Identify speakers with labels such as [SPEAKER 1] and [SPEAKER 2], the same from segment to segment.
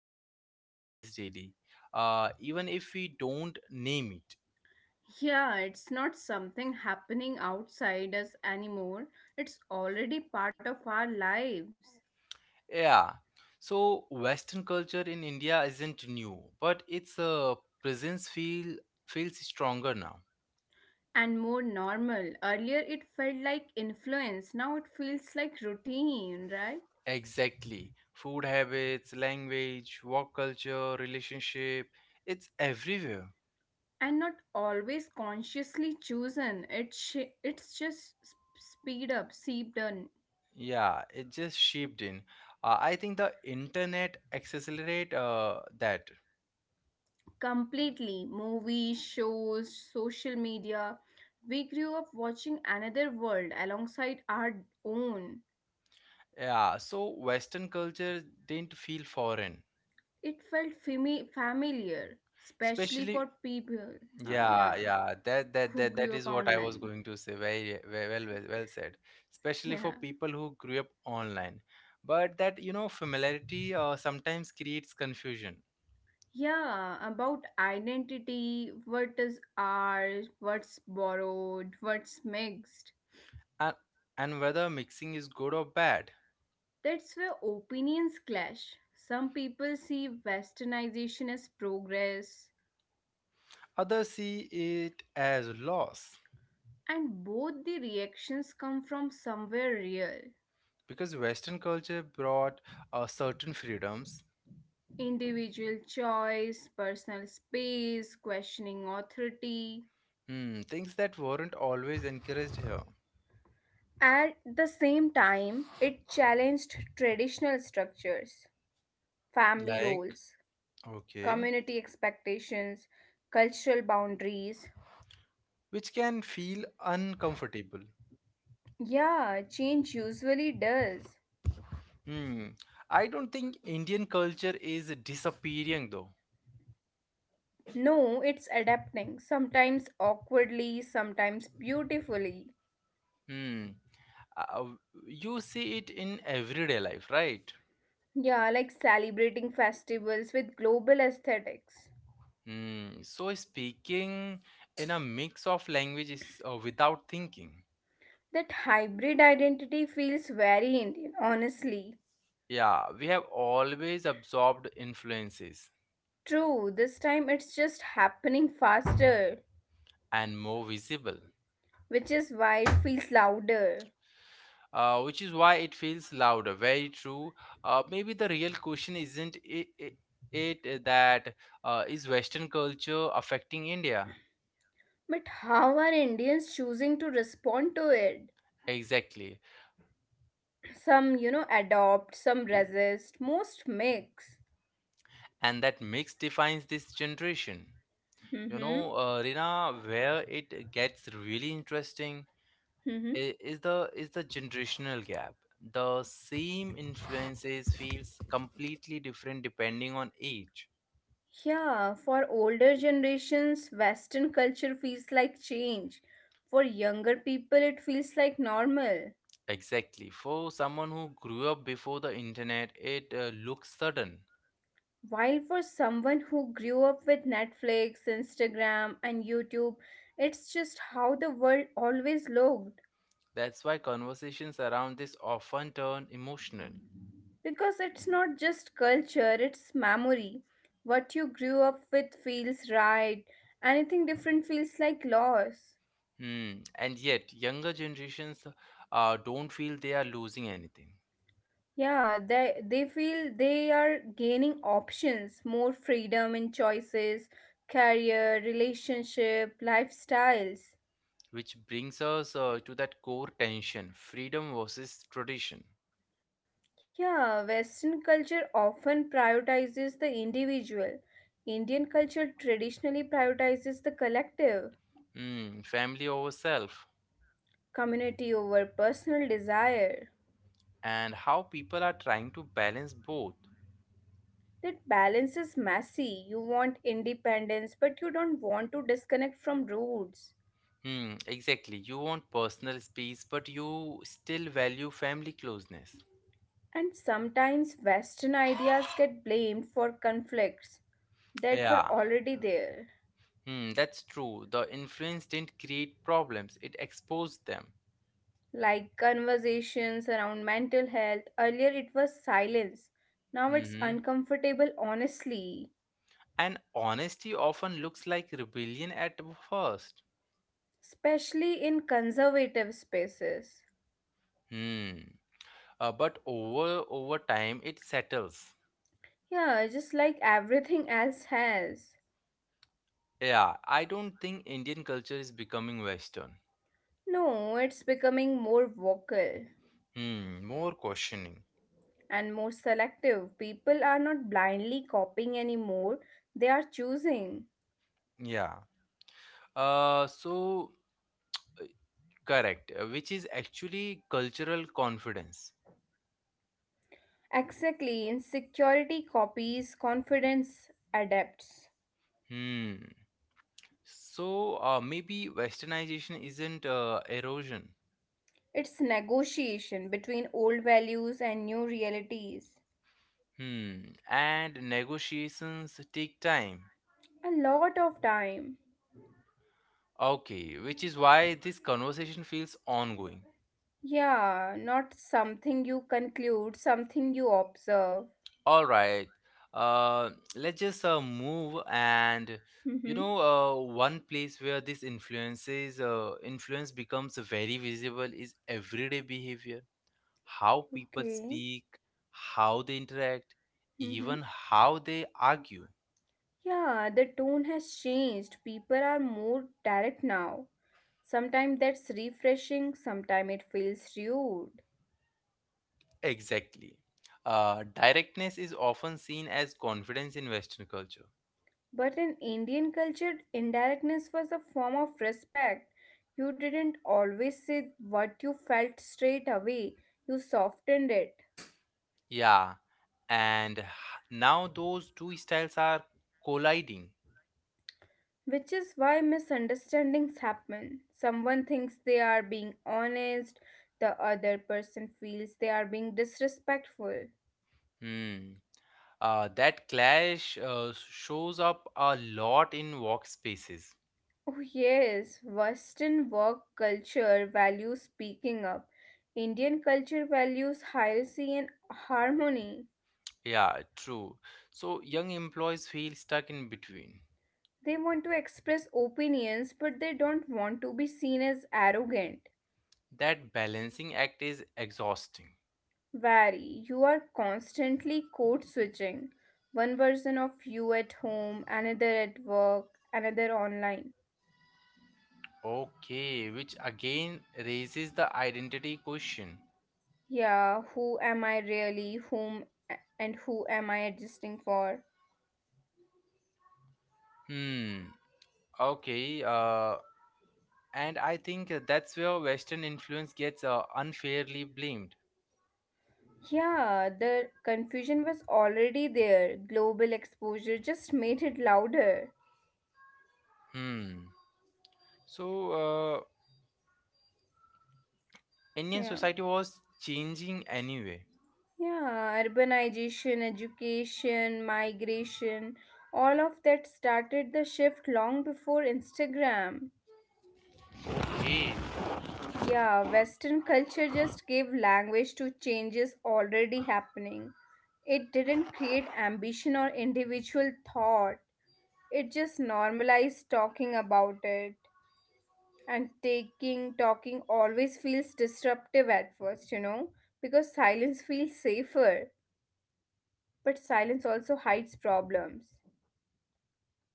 [SPEAKER 1] we all experience daily, even if we don't name it.
[SPEAKER 2] Something happening outside us anymore. It's already part of our lives
[SPEAKER 1] Yeah. So Western culture in India isn't new, but its presence feels stronger now.
[SPEAKER 2] and more normal. Earlier, it felt like influence, now it feels like routine, right?
[SPEAKER 1] Exactly. Food habits, language, work culture, relationship, it's everywhere.
[SPEAKER 2] And not always consciously chosen. It's just speed up, seeped in
[SPEAKER 1] Yeah, it just shaped in. I think the internet accelerate that.
[SPEAKER 2] completely. Movies, shows, social media. We grew up watching another world alongside our own.
[SPEAKER 1] Yeah, so Western culture didn't feel foreign,
[SPEAKER 2] It felt familiar, especially
[SPEAKER 1] especially.
[SPEAKER 2] for people,
[SPEAKER 1] Yeah,
[SPEAKER 2] yeah,
[SPEAKER 1] yeah, that that
[SPEAKER 2] who
[SPEAKER 1] that that
[SPEAKER 2] grew up
[SPEAKER 1] is what I was
[SPEAKER 2] online.
[SPEAKER 1] going to say. Very well, well said. Especially for
[SPEAKER 2] Yeah.
[SPEAKER 1] people who grew up online, but that familiarity sometimes creates confusion,
[SPEAKER 2] Yeah, about identity, what is ours, what's borrowed, what's mixed.
[SPEAKER 1] and and whether mixing is good or bad,
[SPEAKER 2] That's where opinions clash. Some people see westernization as progress,
[SPEAKER 1] others see it as loss,
[SPEAKER 2] and both the reactions come from somewhere real:
[SPEAKER 1] because Western culture brought certain freedoms,
[SPEAKER 2] individual choice, personal space, questioning authority.
[SPEAKER 1] hmm, things that weren't always encouraged here,
[SPEAKER 2] At the same time, it challenged traditional structures, family
[SPEAKER 1] like
[SPEAKER 2] roles,
[SPEAKER 1] okay,
[SPEAKER 2] community expectations, cultural boundaries.
[SPEAKER 1] which can feel uncomfortable.
[SPEAKER 2] Yeah, change usually does.
[SPEAKER 1] Hmm. I don't think Indian culture is disappearing though.
[SPEAKER 2] No, it's adapting, sometimes awkwardly, sometimes beautifully.
[SPEAKER 1] Hmm. Uh, you see it in everyday life, right?
[SPEAKER 2] Yeah, like celebrating festivals with global aesthetics.
[SPEAKER 1] Hmm. So speaking in a mix of languages without thinking.
[SPEAKER 2] That hybrid identity feels very Indian, honestly.
[SPEAKER 1] Yeah, we have always absorbed influences
[SPEAKER 2] True, this time it's just happening faster,
[SPEAKER 1] and more visible.
[SPEAKER 2] which is why it feels louder.
[SPEAKER 1] Which is why it feels louder. Very true. Maybe the real question isn't it that is Western culture affecting India?
[SPEAKER 2] But how are Indians choosing to respond to it?
[SPEAKER 1] Exactly,
[SPEAKER 2] Some, you know, adopt, some resist, most mix.
[SPEAKER 1] and that mix defines this generation.
[SPEAKER 2] Mm-hmm.
[SPEAKER 1] Rina, where it gets really interesting
[SPEAKER 2] Mm-hmm.
[SPEAKER 1] is the generational gap. The same influences feels completely different depending on age.
[SPEAKER 2] Yeah, for older generations, Western culture feels like change. For younger people, it feels like normal.
[SPEAKER 1] Exactly, for someone who grew up before the internet, it looks sudden.
[SPEAKER 2] While for someone who grew up with Netflix, Instagram, and YouTube, it's just how the world always looked.
[SPEAKER 1] That's why conversations around this often turn emotional.
[SPEAKER 2] Because it's not just culture, it's memory. What you grew up with feels right. Anything different feels like loss.
[SPEAKER 1] Hmm. And yet younger generations don't feel they are losing anything,
[SPEAKER 2] Yeah, they feel they are gaining options, more freedom in choices, career, relationship, lifestyles.
[SPEAKER 1] which brings us to that core tension, freedom versus tradition.
[SPEAKER 2] Yeah, Western culture often prioritizes the individual. Indian culture traditionally prioritizes the collective,
[SPEAKER 1] Hmm, family over self,
[SPEAKER 2] community over personal desire.
[SPEAKER 1] and how people are trying to balance both.
[SPEAKER 2] That balance is messy. You want independence, but you don't want to disconnect from roots.
[SPEAKER 1] Hmm, exactly. You want personal space, but you still value family closeness.
[SPEAKER 2] And sometimes Western ideas get blamed for conflicts that were
[SPEAKER 1] Yeah,
[SPEAKER 2] already there,
[SPEAKER 1] hmm, that's true. The influence didn't create problems, it exposed them.
[SPEAKER 2] like conversations around mental health. Earlier it was silence, now it's
[SPEAKER 1] Hmm
[SPEAKER 2] uncomfortable, honestly,
[SPEAKER 1] And honesty often looks like rebellion at first.
[SPEAKER 2] especially in conservative spaces.
[SPEAKER 1] Hmm. But over time it settles.
[SPEAKER 2] Yeah, just like everything else has.
[SPEAKER 1] Yeah, I don't think Indian culture is becoming Western.
[SPEAKER 2] No, it's becoming more vocal,
[SPEAKER 1] Hmm, more questioning.
[SPEAKER 2] and more selective. People are not blindly copying anymore, they are choosing.
[SPEAKER 1] Yeah. So correct, which is actually cultural confidence.
[SPEAKER 2] Exactly, insecurity copies, confidence adapts.
[SPEAKER 1] Hmm. So maybe westernization isn't erosion.
[SPEAKER 2] It's negotiation between old values and new realities.
[SPEAKER 1] Hmm. And negotiations take time.
[SPEAKER 2] A lot of time.
[SPEAKER 1] Okay, which is why this conversation feels ongoing.
[SPEAKER 2] Yeah, not something you conclude, something you observe.
[SPEAKER 1] All right. Uh, let's just move, and
[SPEAKER 2] Mm-hmm.
[SPEAKER 1] one place where this influence becomes very visible is everyday behavior. How people
[SPEAKER 2] Okay.
[SPEAKER 1] speak, how they interact,
[SPEAKER 2] Mm-hmm.
[SPEAKER 1] even how they argue.
[SPEAKER 2] Yeah, the tone has changed. People are more direct now. Sometimes that's refreshing, sometimes it feels rude.
[SPEAKER 1] Exactly. Directness is often seen as confidence in Western culture.
[SPEAKER 2] But in Indian culture, indirectness was a form of respect. You didn't always say what you felt straight away, you softened it.
[SPEAKER 1] Yeah, and h- now those two styles are colliding.
[SPEAKER 2] Which is why misunderstandings happen. Someone thinks they are being honest, the other person feels they are being disrespectful.
[SPEAKER 1] Hmm. That clash shows up a lot in workspaces.
[SPEAKER 2] Oh, yes, Western work culture values speaking up. Indian culture values hierarchy and harmony.
[SPEAKER 1] Yeah, true. So young employees feel stuck in between.
[SPEAKER 2] They want to express opinions, but they don't want to be seen as arrogant.
[SPEAKER 1] That balancing act is exhausting.
[SPEAKER 2] Vary, you are constantly code switching. One version of you at home, another at work, another online.
[SPEAKER 1] Okay, which again raises the identity question.
[SPEAKER 2] Yeah, who am I really? Whom and who am I adjusting for?
[SPEAKER 1] Hmm. Okay. And I think that's where Western influence gets unfairly blamed.
[SPEAKER 2] Yeah, the confusion was already there. Global exposure just made it louder.
[SPEAKER 1] Hmm. So, Indian
[SPEAKER 2] Yeah.
[SPEAKER 1] society was changing anyway.
[SPEAKER 2] Yeah, urbanization, education, migration, all of that started the shift long before Instagram. Yeah, Western culture just gave language to changes already happening. It didn't create ambition or individual thought, it just normalized talking about it, and taking talking always feels disruptive at first, you know, because silence feels safer, but silence also hides problems,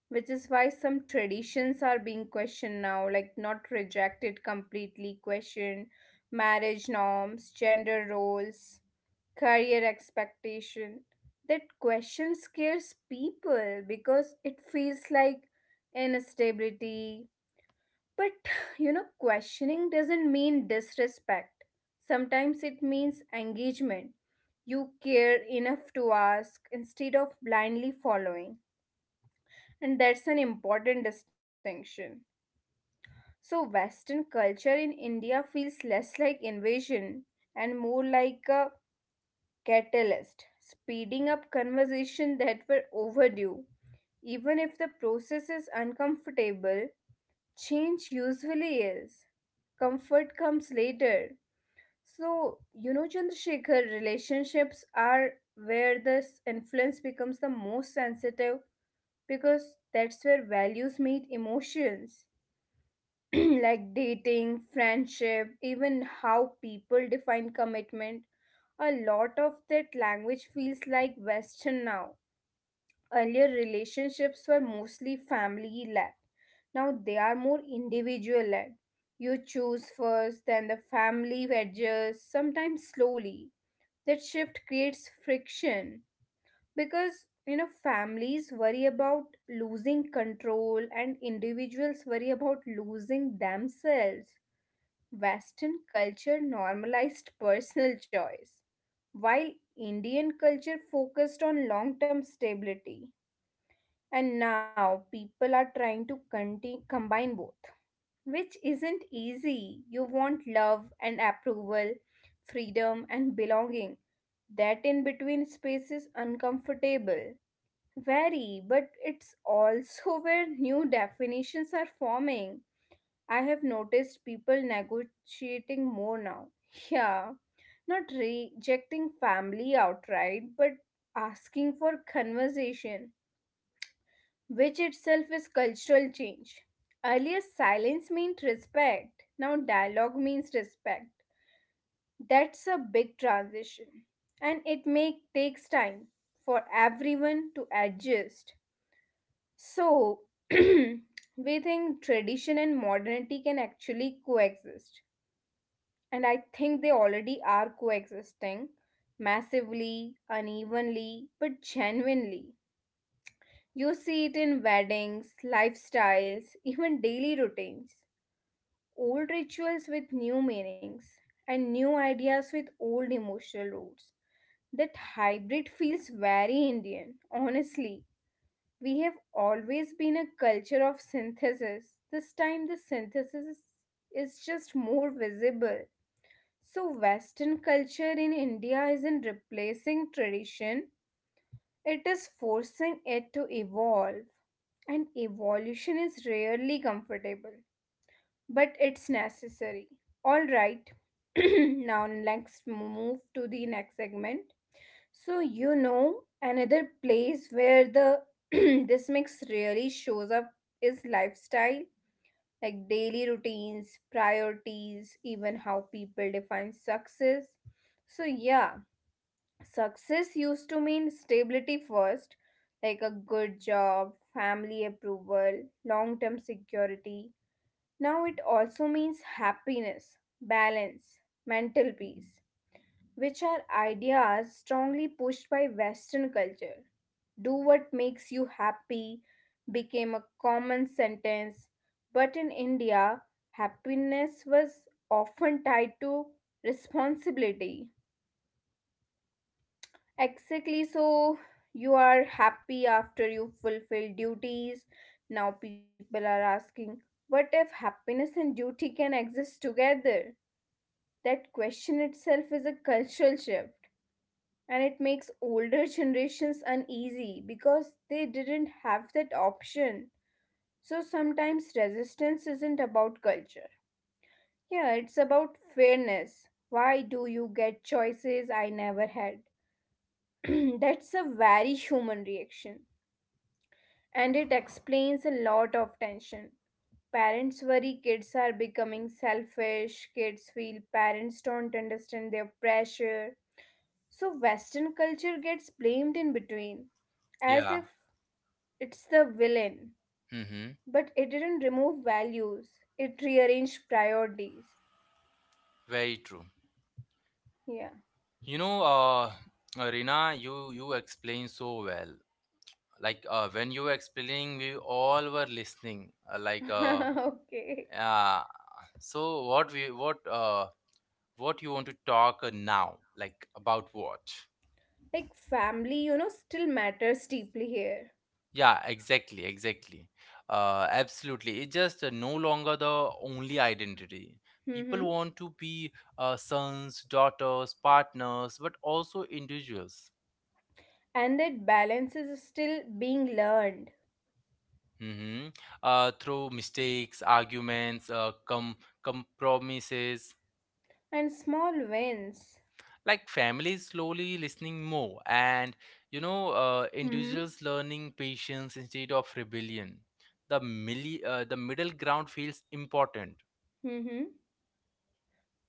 [SPEAKER 2] which is why some traditions are being questioned now, like not rejected completely, questioned. Marriage norms, gender roles, career expectation. That question scares people because it feels like instability. But you know, questioning doesn't mean disrespect. Sometimes it means engagement. You care enough to ask instead of blindly following, and that's an important distinction. So, Western culture in India feels less like invasion and more like a catalyst, speeding up conversations that were overdue. Even if the process is uncomfortable, change usually is. Comfort comes later. So, you know, Chandrasekhar, relationships are where this influence becomes the most sensitive because that's where values meet emotions, like dating, friendship, even how people define commitment. A lot of that language feels like Western now. Earlier relationships were mostly family led. Now they are more individual led. You choose first, then the family adjusts, sometimes slowly. That shift creates friction because, you know, families worry about losing control and individuals worry about losing themselves. Western culture normalized personal choice, while Indian culture focused on long term stability. And now people are trying to combine both, which isn't easy. You want love and approval, freedom and belonging. That in between space is uncomfortable. Very, but it's also where new definitions are forming. I have noticed people negotiating more now. Yeah, not rejecting family outright, but asking for conversation, which itself is cultural change. Earlier, silence meant respect, now, dialogue means respect. That's a big transition, and it may takes time for everyone to adjust. So, we think tradition and modernity can actually coexist, and I think they already are coexisting massively, unevenly, but genuinely. You see it in weddings, lifestyles, even daily routines. Old rituals with new meanings, and new ideas with old emotional roots. That hybrid feels very Indian, honestly. We have always been a culture of synthesis. This time, the synthesis is just more visible. So, Western culture in India isn't replacing tradition, it is forcing it to evolve. And evolution is rarely comfortable, but it's necessary. All right. Now let's move to the next segment. So you know, another place where the this mix really shows up is lifestyle, like daily routines, priorities, even how people define success. So yeah, success used to mean stability first, like a good job, family approval, long term security. Now it also means happiness, balance, mental peace, which are ideas strongly pushed by Western culture. Do what makes you happy became a common sentence, but in India, happiness was often tied to responsibility. Exactly. So you are happy after you fulfill duties. Now people are asking, what if happiness and duty can exist together? That question itself is a cultural shift, and it makes older generations uneasy because they didn't have that option. So sometimes resistance isn't about culture. Yeah, it's about fairness. Why do you get choices I never had? That's a very human reaction. And it explains a lot of tension. Parents worry kids are becoming selfish, kids feel parents don't understand their pressure. So, Western culture gets blamed in between, as
[SPEAKER 1] Yeah.
[SPEAKER 2] if it's the villain.
[SPEAKER 1] Mm-hmm.
[SPEAKER 2] But it didn't remove values, it rearranged priorities.
[SPEAKER 1] Very true.
[SPEAKER 2] Yeah.
[SPEAKER 1] You know, Rina, you explain so well. Like when you were explaining, we all were listening.
[SPEAKER 2] Okay.
[SPEAKER 1] Yeah. So what we what you want to talk now? Like about what?
[SPEAKER 2] Like, family, you know, still matters deeply here.
[SPEAKER 1] Yeah, exactly, exactly. Absolutely. It's just no longer the only identity. People
[SPEAKER 2] Mm-hmm.
[SPEAKER 1] want to be sons, daughters, partners, but also individuals.
[SPEAKER 2] And that balance is still being learned,
[SPEAKER 1] Mhm. Through mistakes, arguments, compromises,
[SPEAKER 2] and small wins.
[SPEAKER 1] like families slowly listening more, and
[SPEAKER 2] Mm-hmm.
[SPEAKER 1] individuals learning patience instead of rebellion. The middle ground feels important.
[SPEAKER 2] Mm-hmm.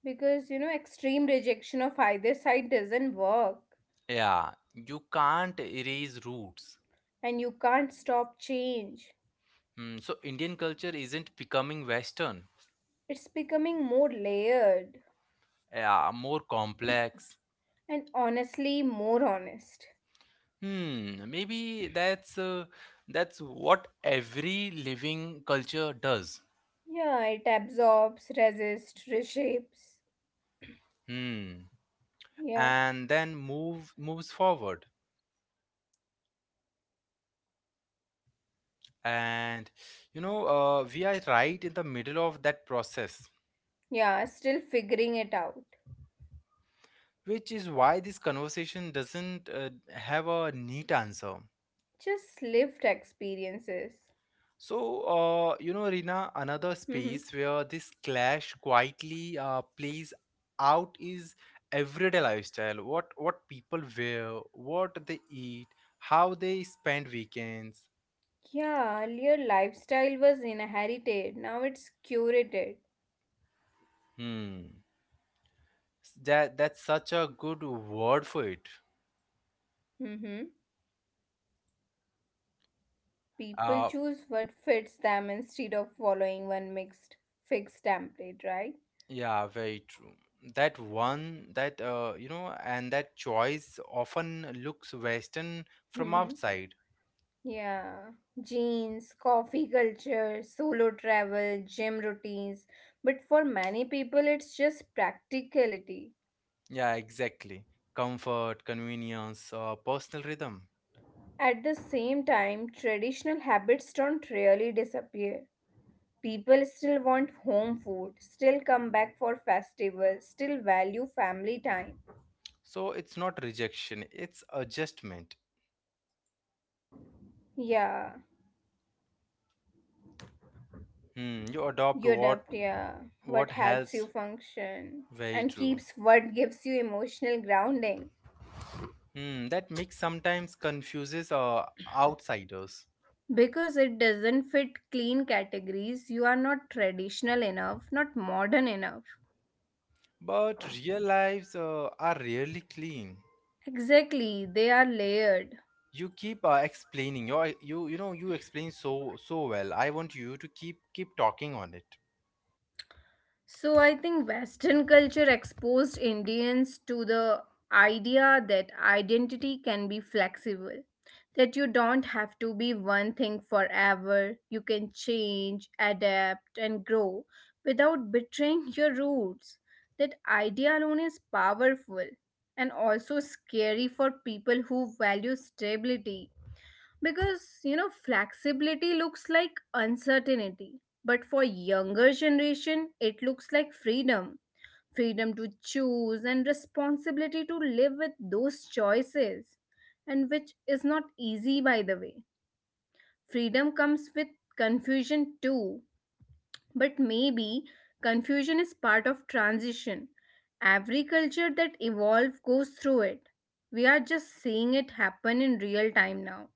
[SPEAKER 2] Because, you know, extreme rejection of either side doesn't work,
[SPEAKER 1] Yeah, you can't erase roots.
[SPEAKER 2] and you can't stop change.
[SPEAKER 1] Hmm, so Indian culture isn't becoming Western.
[SPEAKER 2] It's becoming more layered
[SPEAKER 1] Yeah, more complex.
[SPEAKER 2] and honestly more honest.
[SPEAKER 1] Hmm, maybe that's what every living culture does.
[SPEAKER 2] Yeah, it absorbs, resists, reshapes.
[SPEAKER 1] Hmm,
[SPEAKER 2] Yeah.
[SPEAKER 1] and then moves forward, and we are right in the middle of that process,
[SPEAKER 2] Yeah, still figuring it out.
[SPEAKER 1] which is why this conversation doesn't have a neat answer.
[SPEAKER 2] Just lived experiences.
[SPEAKER 1] So, Rina, another
[SPEAKER 2] Mm-hmm.
[SPEAKER 1] space where this clash quietly plays out is everyday lifestyle. What people wear, what they eat, how they spend weekends.
[SPEAKER 2] Yeah, earlier lifestyle was inherited, now it's curated.
[SPEAKER 1] Hmm. That that's such a good word for it.
[SPEAKER 2] Mm-hmm. People
[SPEAKER 1] Uh,
[SPEAKER 2] choose what fits them instead of following one mixed fixed template, right?
[SPEAKER 1] yeah, very true. That one, that you know, and that choice often looks Western from
[SPEAKER 2] Mm-hmm.
[SPEAKER 1] outside.
[SPEAKER 2] Yeah. Jeans, coffee culture, solo travel, gym routines. But for many people, it's just practicality.
[SPEAKER 1] Yeah, exactly. Comfort, convenience, personal rhythm.
[SPEAKER 2] At the same time, traditional habits don't really disappear. People still want home food, still come back for festivals, still value family time.
[SPEAKER 1] So it's not rejection, it's adjustment.
[SPEAKER 2] Yeah.
[SPEAKER 1] Hmm, you adopt
[SPEAKER 2] You
[SPEAKER 1] what
[SPEAKER 2] adapt, yeah, what helps you
[SPEAKER 1] helps.
[SPEAKER 2] function
[SPEAKER 1] Very
[SPEAKER 2] and
[SPEAKER 1] true.
[SPEAKER 2] keeps what gives you emotional grounding,
[SPEAKER 1] Hmm, that mix sometimes confuses outsiders.
[SPEAKER 2] because it doesn't fit clean categories. You are not traditional enough, not modern enough.
[SPEAKER 1] But real lives are really clean.
[SPEAKER 2] Exactly, they are layered.
[SPEAKER 1] You keep explaining. You know you explain so so well. I want you to keep talking on it.
[SPEAKER 2] So I think Western culture exposed Indians to the idea that identity can be flexible, that you don't have to be one thing forever, you can change, adapt, and grow without betraying your roots. That idea alone is powerful and also scary for people who value stability because, you know, flexibility looks like uncertainty, but for younger generation, it looks like freedom. Freedom to choose and responsibility to live with those choices, and which is not easy by the way. Freedom comes with confusion too, but maybe confusion is part of transition. Every culture that evolves goes through it. We are just seeing it happen in real time now.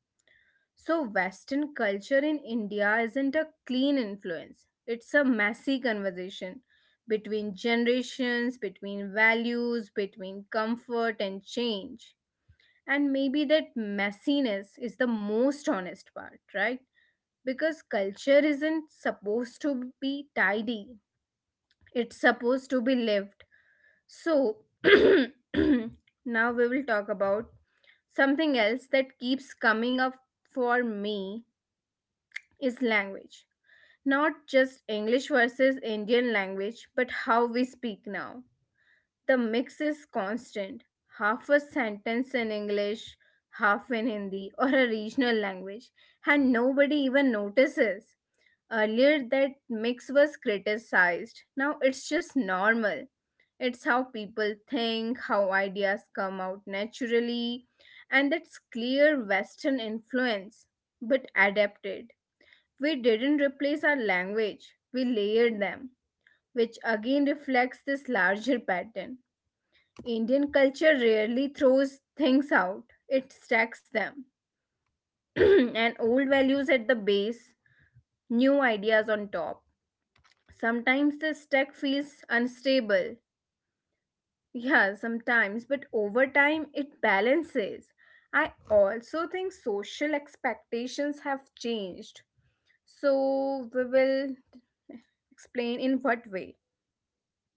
[SPEAKER 2] So, Western culture in India isn't a clean influence, it's a messy conversation between generations, between values, between comfort and change. And maybe that messiness is the most honest part, right? Because culture isn't supposed to be tidy, it's supposed to be lived. So, now we will talk about something else that keeps coming up for me is language. Not just English versus Indian language, but how we speak now. The mix is constant. Half a sentence in English, half in Hindi or a regional language, and nobody even notices. Earlier, that mix was criticized. Now it's just normal. It's how people think, how ideas come out naturally, and that's clear Western influence, but adapted. We didn't replace our language, we layered them, which again reflects this larger pattern. Indian culture rarely throws things out, it stacks them. And old values at the base, new ideas on top. Sometimes the stack feels unstable. Yeah, sometimes, but over time it balances. I also think social expectations have changed. So, we will explain in what way.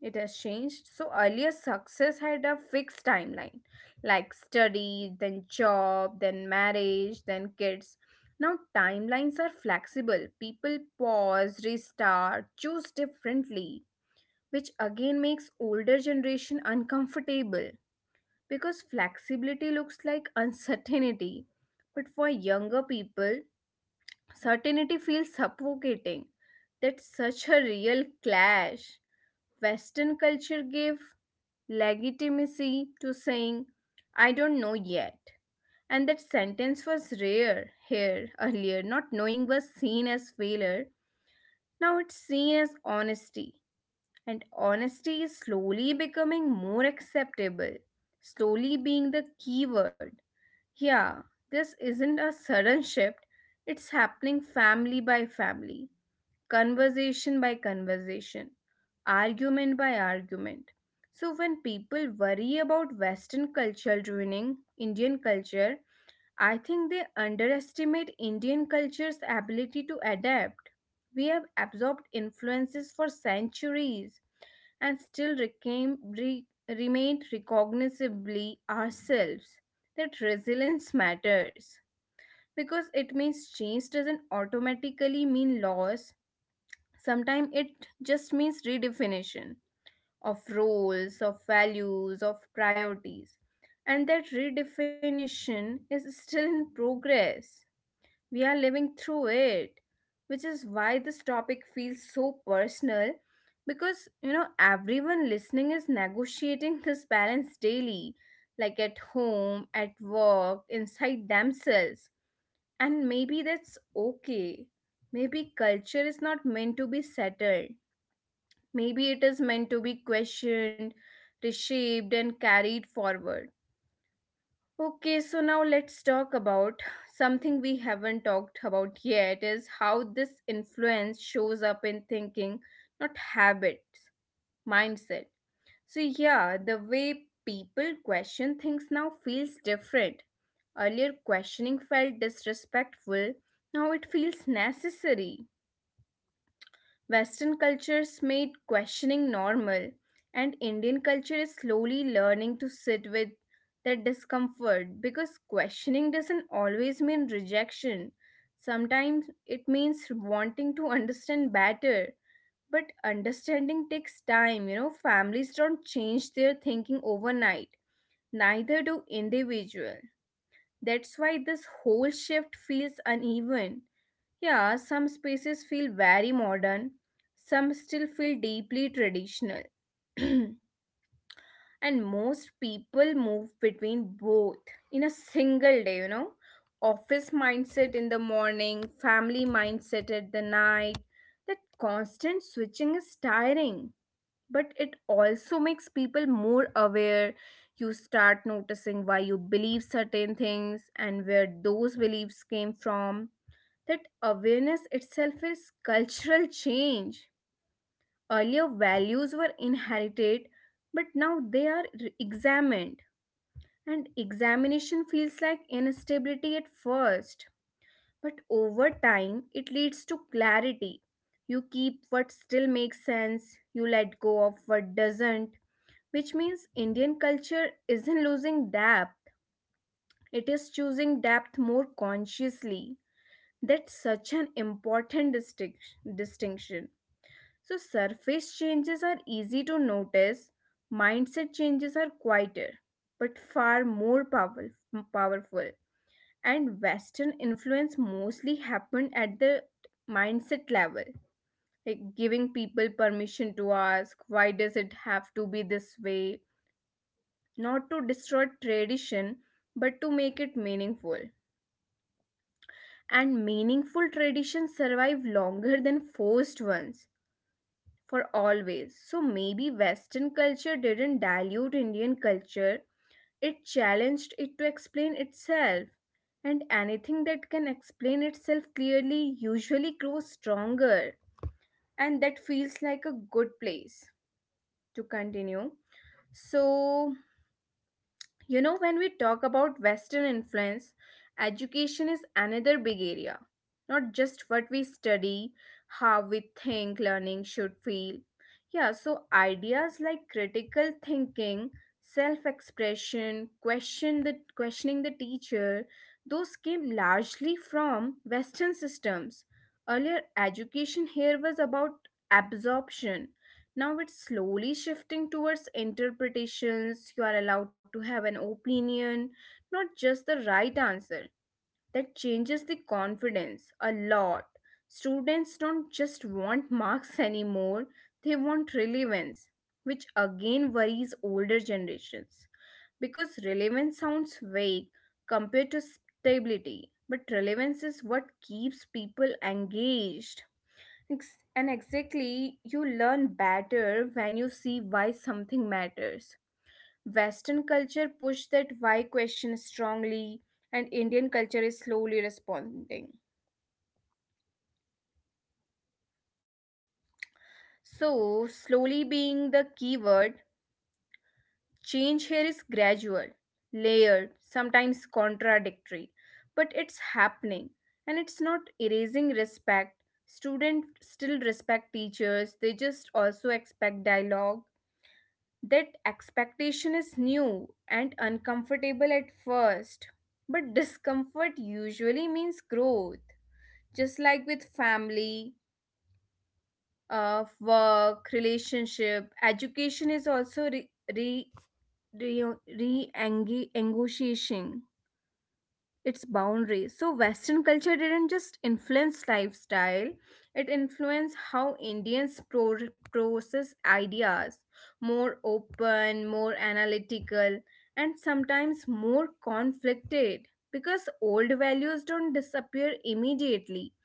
[SPEAKER 2] It has changed. So earlier success had a fixed timeline like study, then job, then marriage, then kids. Now timelines are flexible. People pause, restart, choose differently, which again makes older generation uncomfortable because flexibility looks like uncertainty. But for younger people, certainty feels suffocating. That's such a real clash. Western culture gave legitimacy to saying, I don't know yet. And that sentence was rare here earlier. Not knowing was seen as failure. Now it's seen as honesty. And honesty is slowly becoming more acceptable, slowly being the key word. Yeah, this isn't a sudden shift, it's happening family by family, conversation by conversation, argument by argument. So, when people worry about Western culture ruining Indian culture, I think they underestimate Indian culture's ability to adapt. We have absorbed influences for centuries and still remained recognizably ourselves. That resilience matters because it means change doesn't automatically mean loss. Sometimes it just means redefinition of roles, of values, of priorities. And that redefinition is still in progress. We are living through it, which is why this topic feels so personal because everyone listening is negotiating this balance daily, like at home, at work, inside themselves. And maybe that's okay. Maybe culture is not meant to be settled. Maybe it is meant to be questioned, reshaped, and carried forward. Okay, so now let's talk about something we haven't talked about yet, is how this influence shows up in thinking, not habits, mindset. So, yeah, the way people question things now feels different. Earlier, questioning felt disrespectful, now it feels necessary. Western cultures made questioning normal, and Indian culture is slowly learning to sit with that discomfort because questioning doesn't always mean rejection. Sometimes it means wanting to understand better. But understanding takes time, you know, families don't change their thinking overnight, neither do individual. That's why this whole shift feels uneven. Yeah, some spaces feel very modern, some still feel deeply traditional. And most people move between both in a single day, you know. Office mindset in the morning, family mindset at the night. That constant switching is tiring, but it also makes people more aware. You start noticing why you believe certain things and where those beliefs came from. That awareness itself is cultural change. Earlier values were inherited, but now they are re- examined. And examination feels like instability at first, but over time it leads to clarity. You keep what still makes sense, you let go of what doesn't, which means Indian culture isn't losing depth, it is choosing depth more consciously. That's such an important distinction. So, surface changes are easy to notice, mindset changes are quieter, but far more powerful. powerful. And Western influence mostly happened at the mindset level, like giving people permission to ask, why does it have to be this way? Not to destroy tradition, but to make it meaningful. And meaningful traditions survive longer than forced ones, for always. So maybe Western culture didn't dilute Indian culture, it challenged it to explain itself, and anything that can explain itself clearly usually grows stronger. And that feels like a good place to continue. So, you know, when we talk about Western influence, education is another big area. Not just what we study, how we think learning should feel. Yeah, so ideas like critical thinking, self-expression, questioning the teacher, those came largely from Western systems. Earlier education here was about absorption, now it's slowly shifting towards interpretations. You are allowed to have an opinion, not just the right answer. That changes the confidence a lot. Students don't just want marks anymore, they want relevance, which again worries older generations. Because relevance sounds vague compared to stability, but relevance is what keeps people engaged. And exactly, you learn better when you see why something matters. Western culture pushed that why question strongly, and Indian culture is slowly responding. So, slowly being the key word, change here is gradual, layered, sometimes contradictory, but it's happening and it's not erasing respect. Students still respect teachers, they just also expect dialogue. That expectation is new and uncomfortable at first, but discomfort usually means growth. Just like with family, work, relationship, education is also re, negotiation. Its boundaries. So Western culture didn't just influence lifestyle, it influenced how Indians process ideas, more open, more analytical, and sometimes more conflicted because old values don't disappear immediately.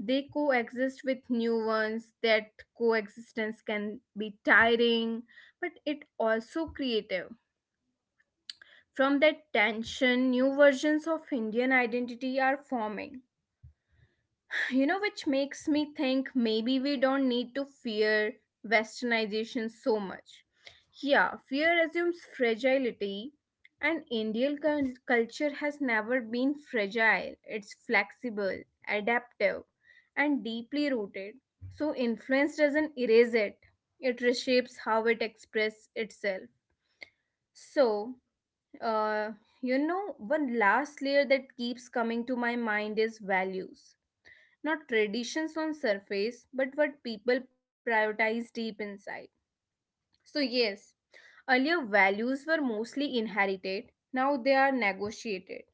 [SPEAKER 2] They coexist with new ones. That coexistence can be tiring, but it also creative. From that tension, new versions of Indian identity are forming. You know, which makes me think maybe we don't need to fear westernization so much. Yeah, fear assumes fragility, and culture has never been fragile. It's flexible, adaptive, and deeply rooted. So, influence doesn't erase it, it reshapes how it expresses itself. So, uh, you know, one last layer that keeps coming to my mind is values. Not traditions on surface, but what people prioritize deep inside. So yes, earlier values were mostly inherited, now they are negotiated.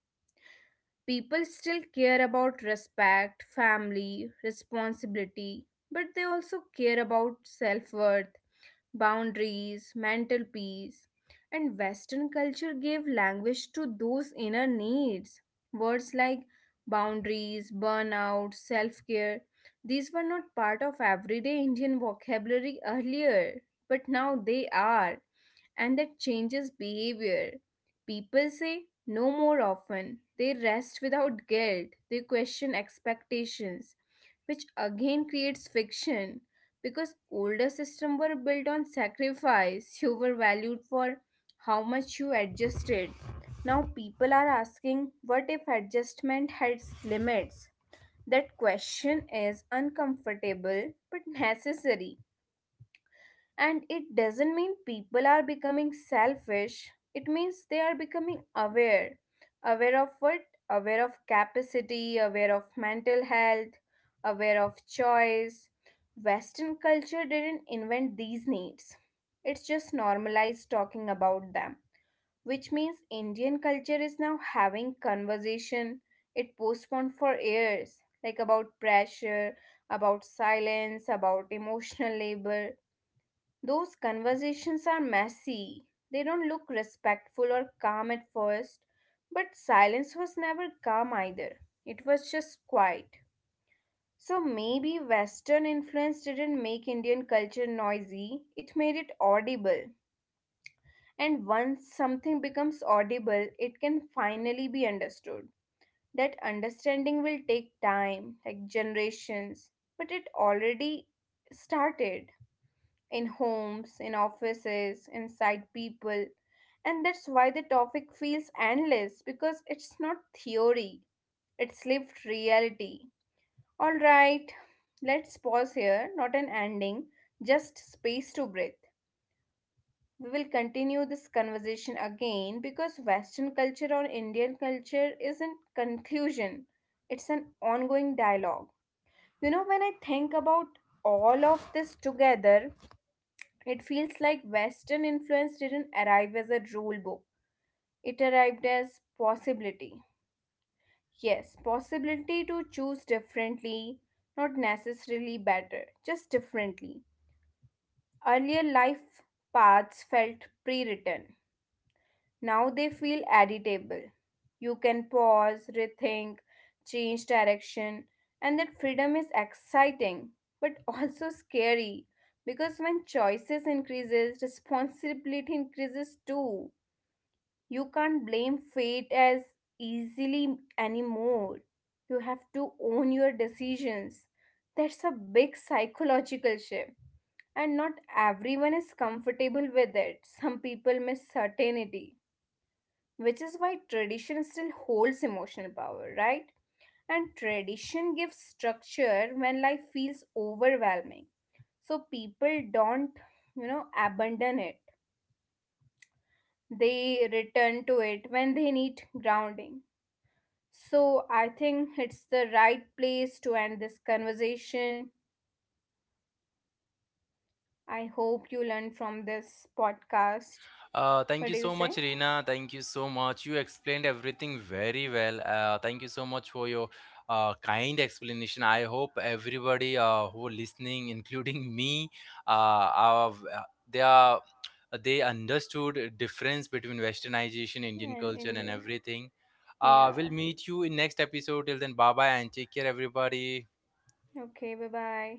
[SPEAKER 2] People still care about respect, family, responsibility, but they also care about self-worth, boundaries, mental peace. And Western culture gave language to those inner needs. Words like boundaries, burnout, self care, these were not part of everyday Indian vocabulary earlier, but now they are, and that changes behavior. People say no more often, they rest without guilt, they question expectations, which again creates fiction because older systems were built on sacrifice. You were valued for how much you adjusted. Now people are asking, what if adjustment has limits? That question is uncomfortable but necessary, and it doesn't mean people are becoming selfish, it means they are becoming aware. Aware of what? Aware of capacity, aware of mental health, aware of choice. Western culture didn't invent these needs, it's just normalized talking about them. Which means Indian culture is now having conversation it postponed for years, like about pressure, about silence, about emotional labor. Those conversations are messy. They don't look respectful or calm at first, but silence was never calm either. It was just quiet. So maybe Western influence didn't make Indian culture noisy, it made it audible. And once something becomes audible, it can finally be understood. That understanding will take time, like generations, but it already started, in homes, in offices, inside people. And that's why the topic feels endless, because it's not theory, it's lived reality. Alright, let's pause here, not an ending, just space to breathe. We will continue this conversation again because Western culture or Indian culture isn't conclusion, it's an ongoing dialogue. You know, when I think about all of this together, it feels like Western influence didn't arrive as a rule book, it arrived as possibility. Yes, possibility to choose differently, not necessarily better, just differently. Earlier life paths felt pre written. Now they feel editable. You can pause, rethink, change direction, and that freedom is exciting but also scary because when choices increases, responsibility increases too. You can't blame fate as easily anymore. You have to own your decisions. That's a big psychological shift and not everyone is comfortable with it. Some people miss certainty, which is why tradition still holds emotional power, right? And tradition gives structure when life feels overwhelming. So people don't, you know, abandon it. They return to it when they need grounding. So I think it's the right place to end this conversation. I hope you learned from this podcast.
[SPEAKER 1] Thank
[SPEAKER 2] What
[SPEAKER 1] you
[SPEAKER 2] do you
[SPEAKER 1] so
[SPEAKER 2] say?
[SPEAKER 1] much, Reena. Thank you so much. You explained everything very well. Thank you so much for your kind explanation. I hope everybody who are listening, including me, uh, are, are they understood difference between westernization, Indian
[SPEAKER 2] And
[SPEAKER 1] culture,
[SPEAKER 2] in
[SPEAKER 1] and everything.
[SPEAKER 2] the, yeah.
[SPEAKER 1] We'll meet you in next episode. Till then, bye bye and take care, everybody.
[SPEAKER 2] Okay, bye bye.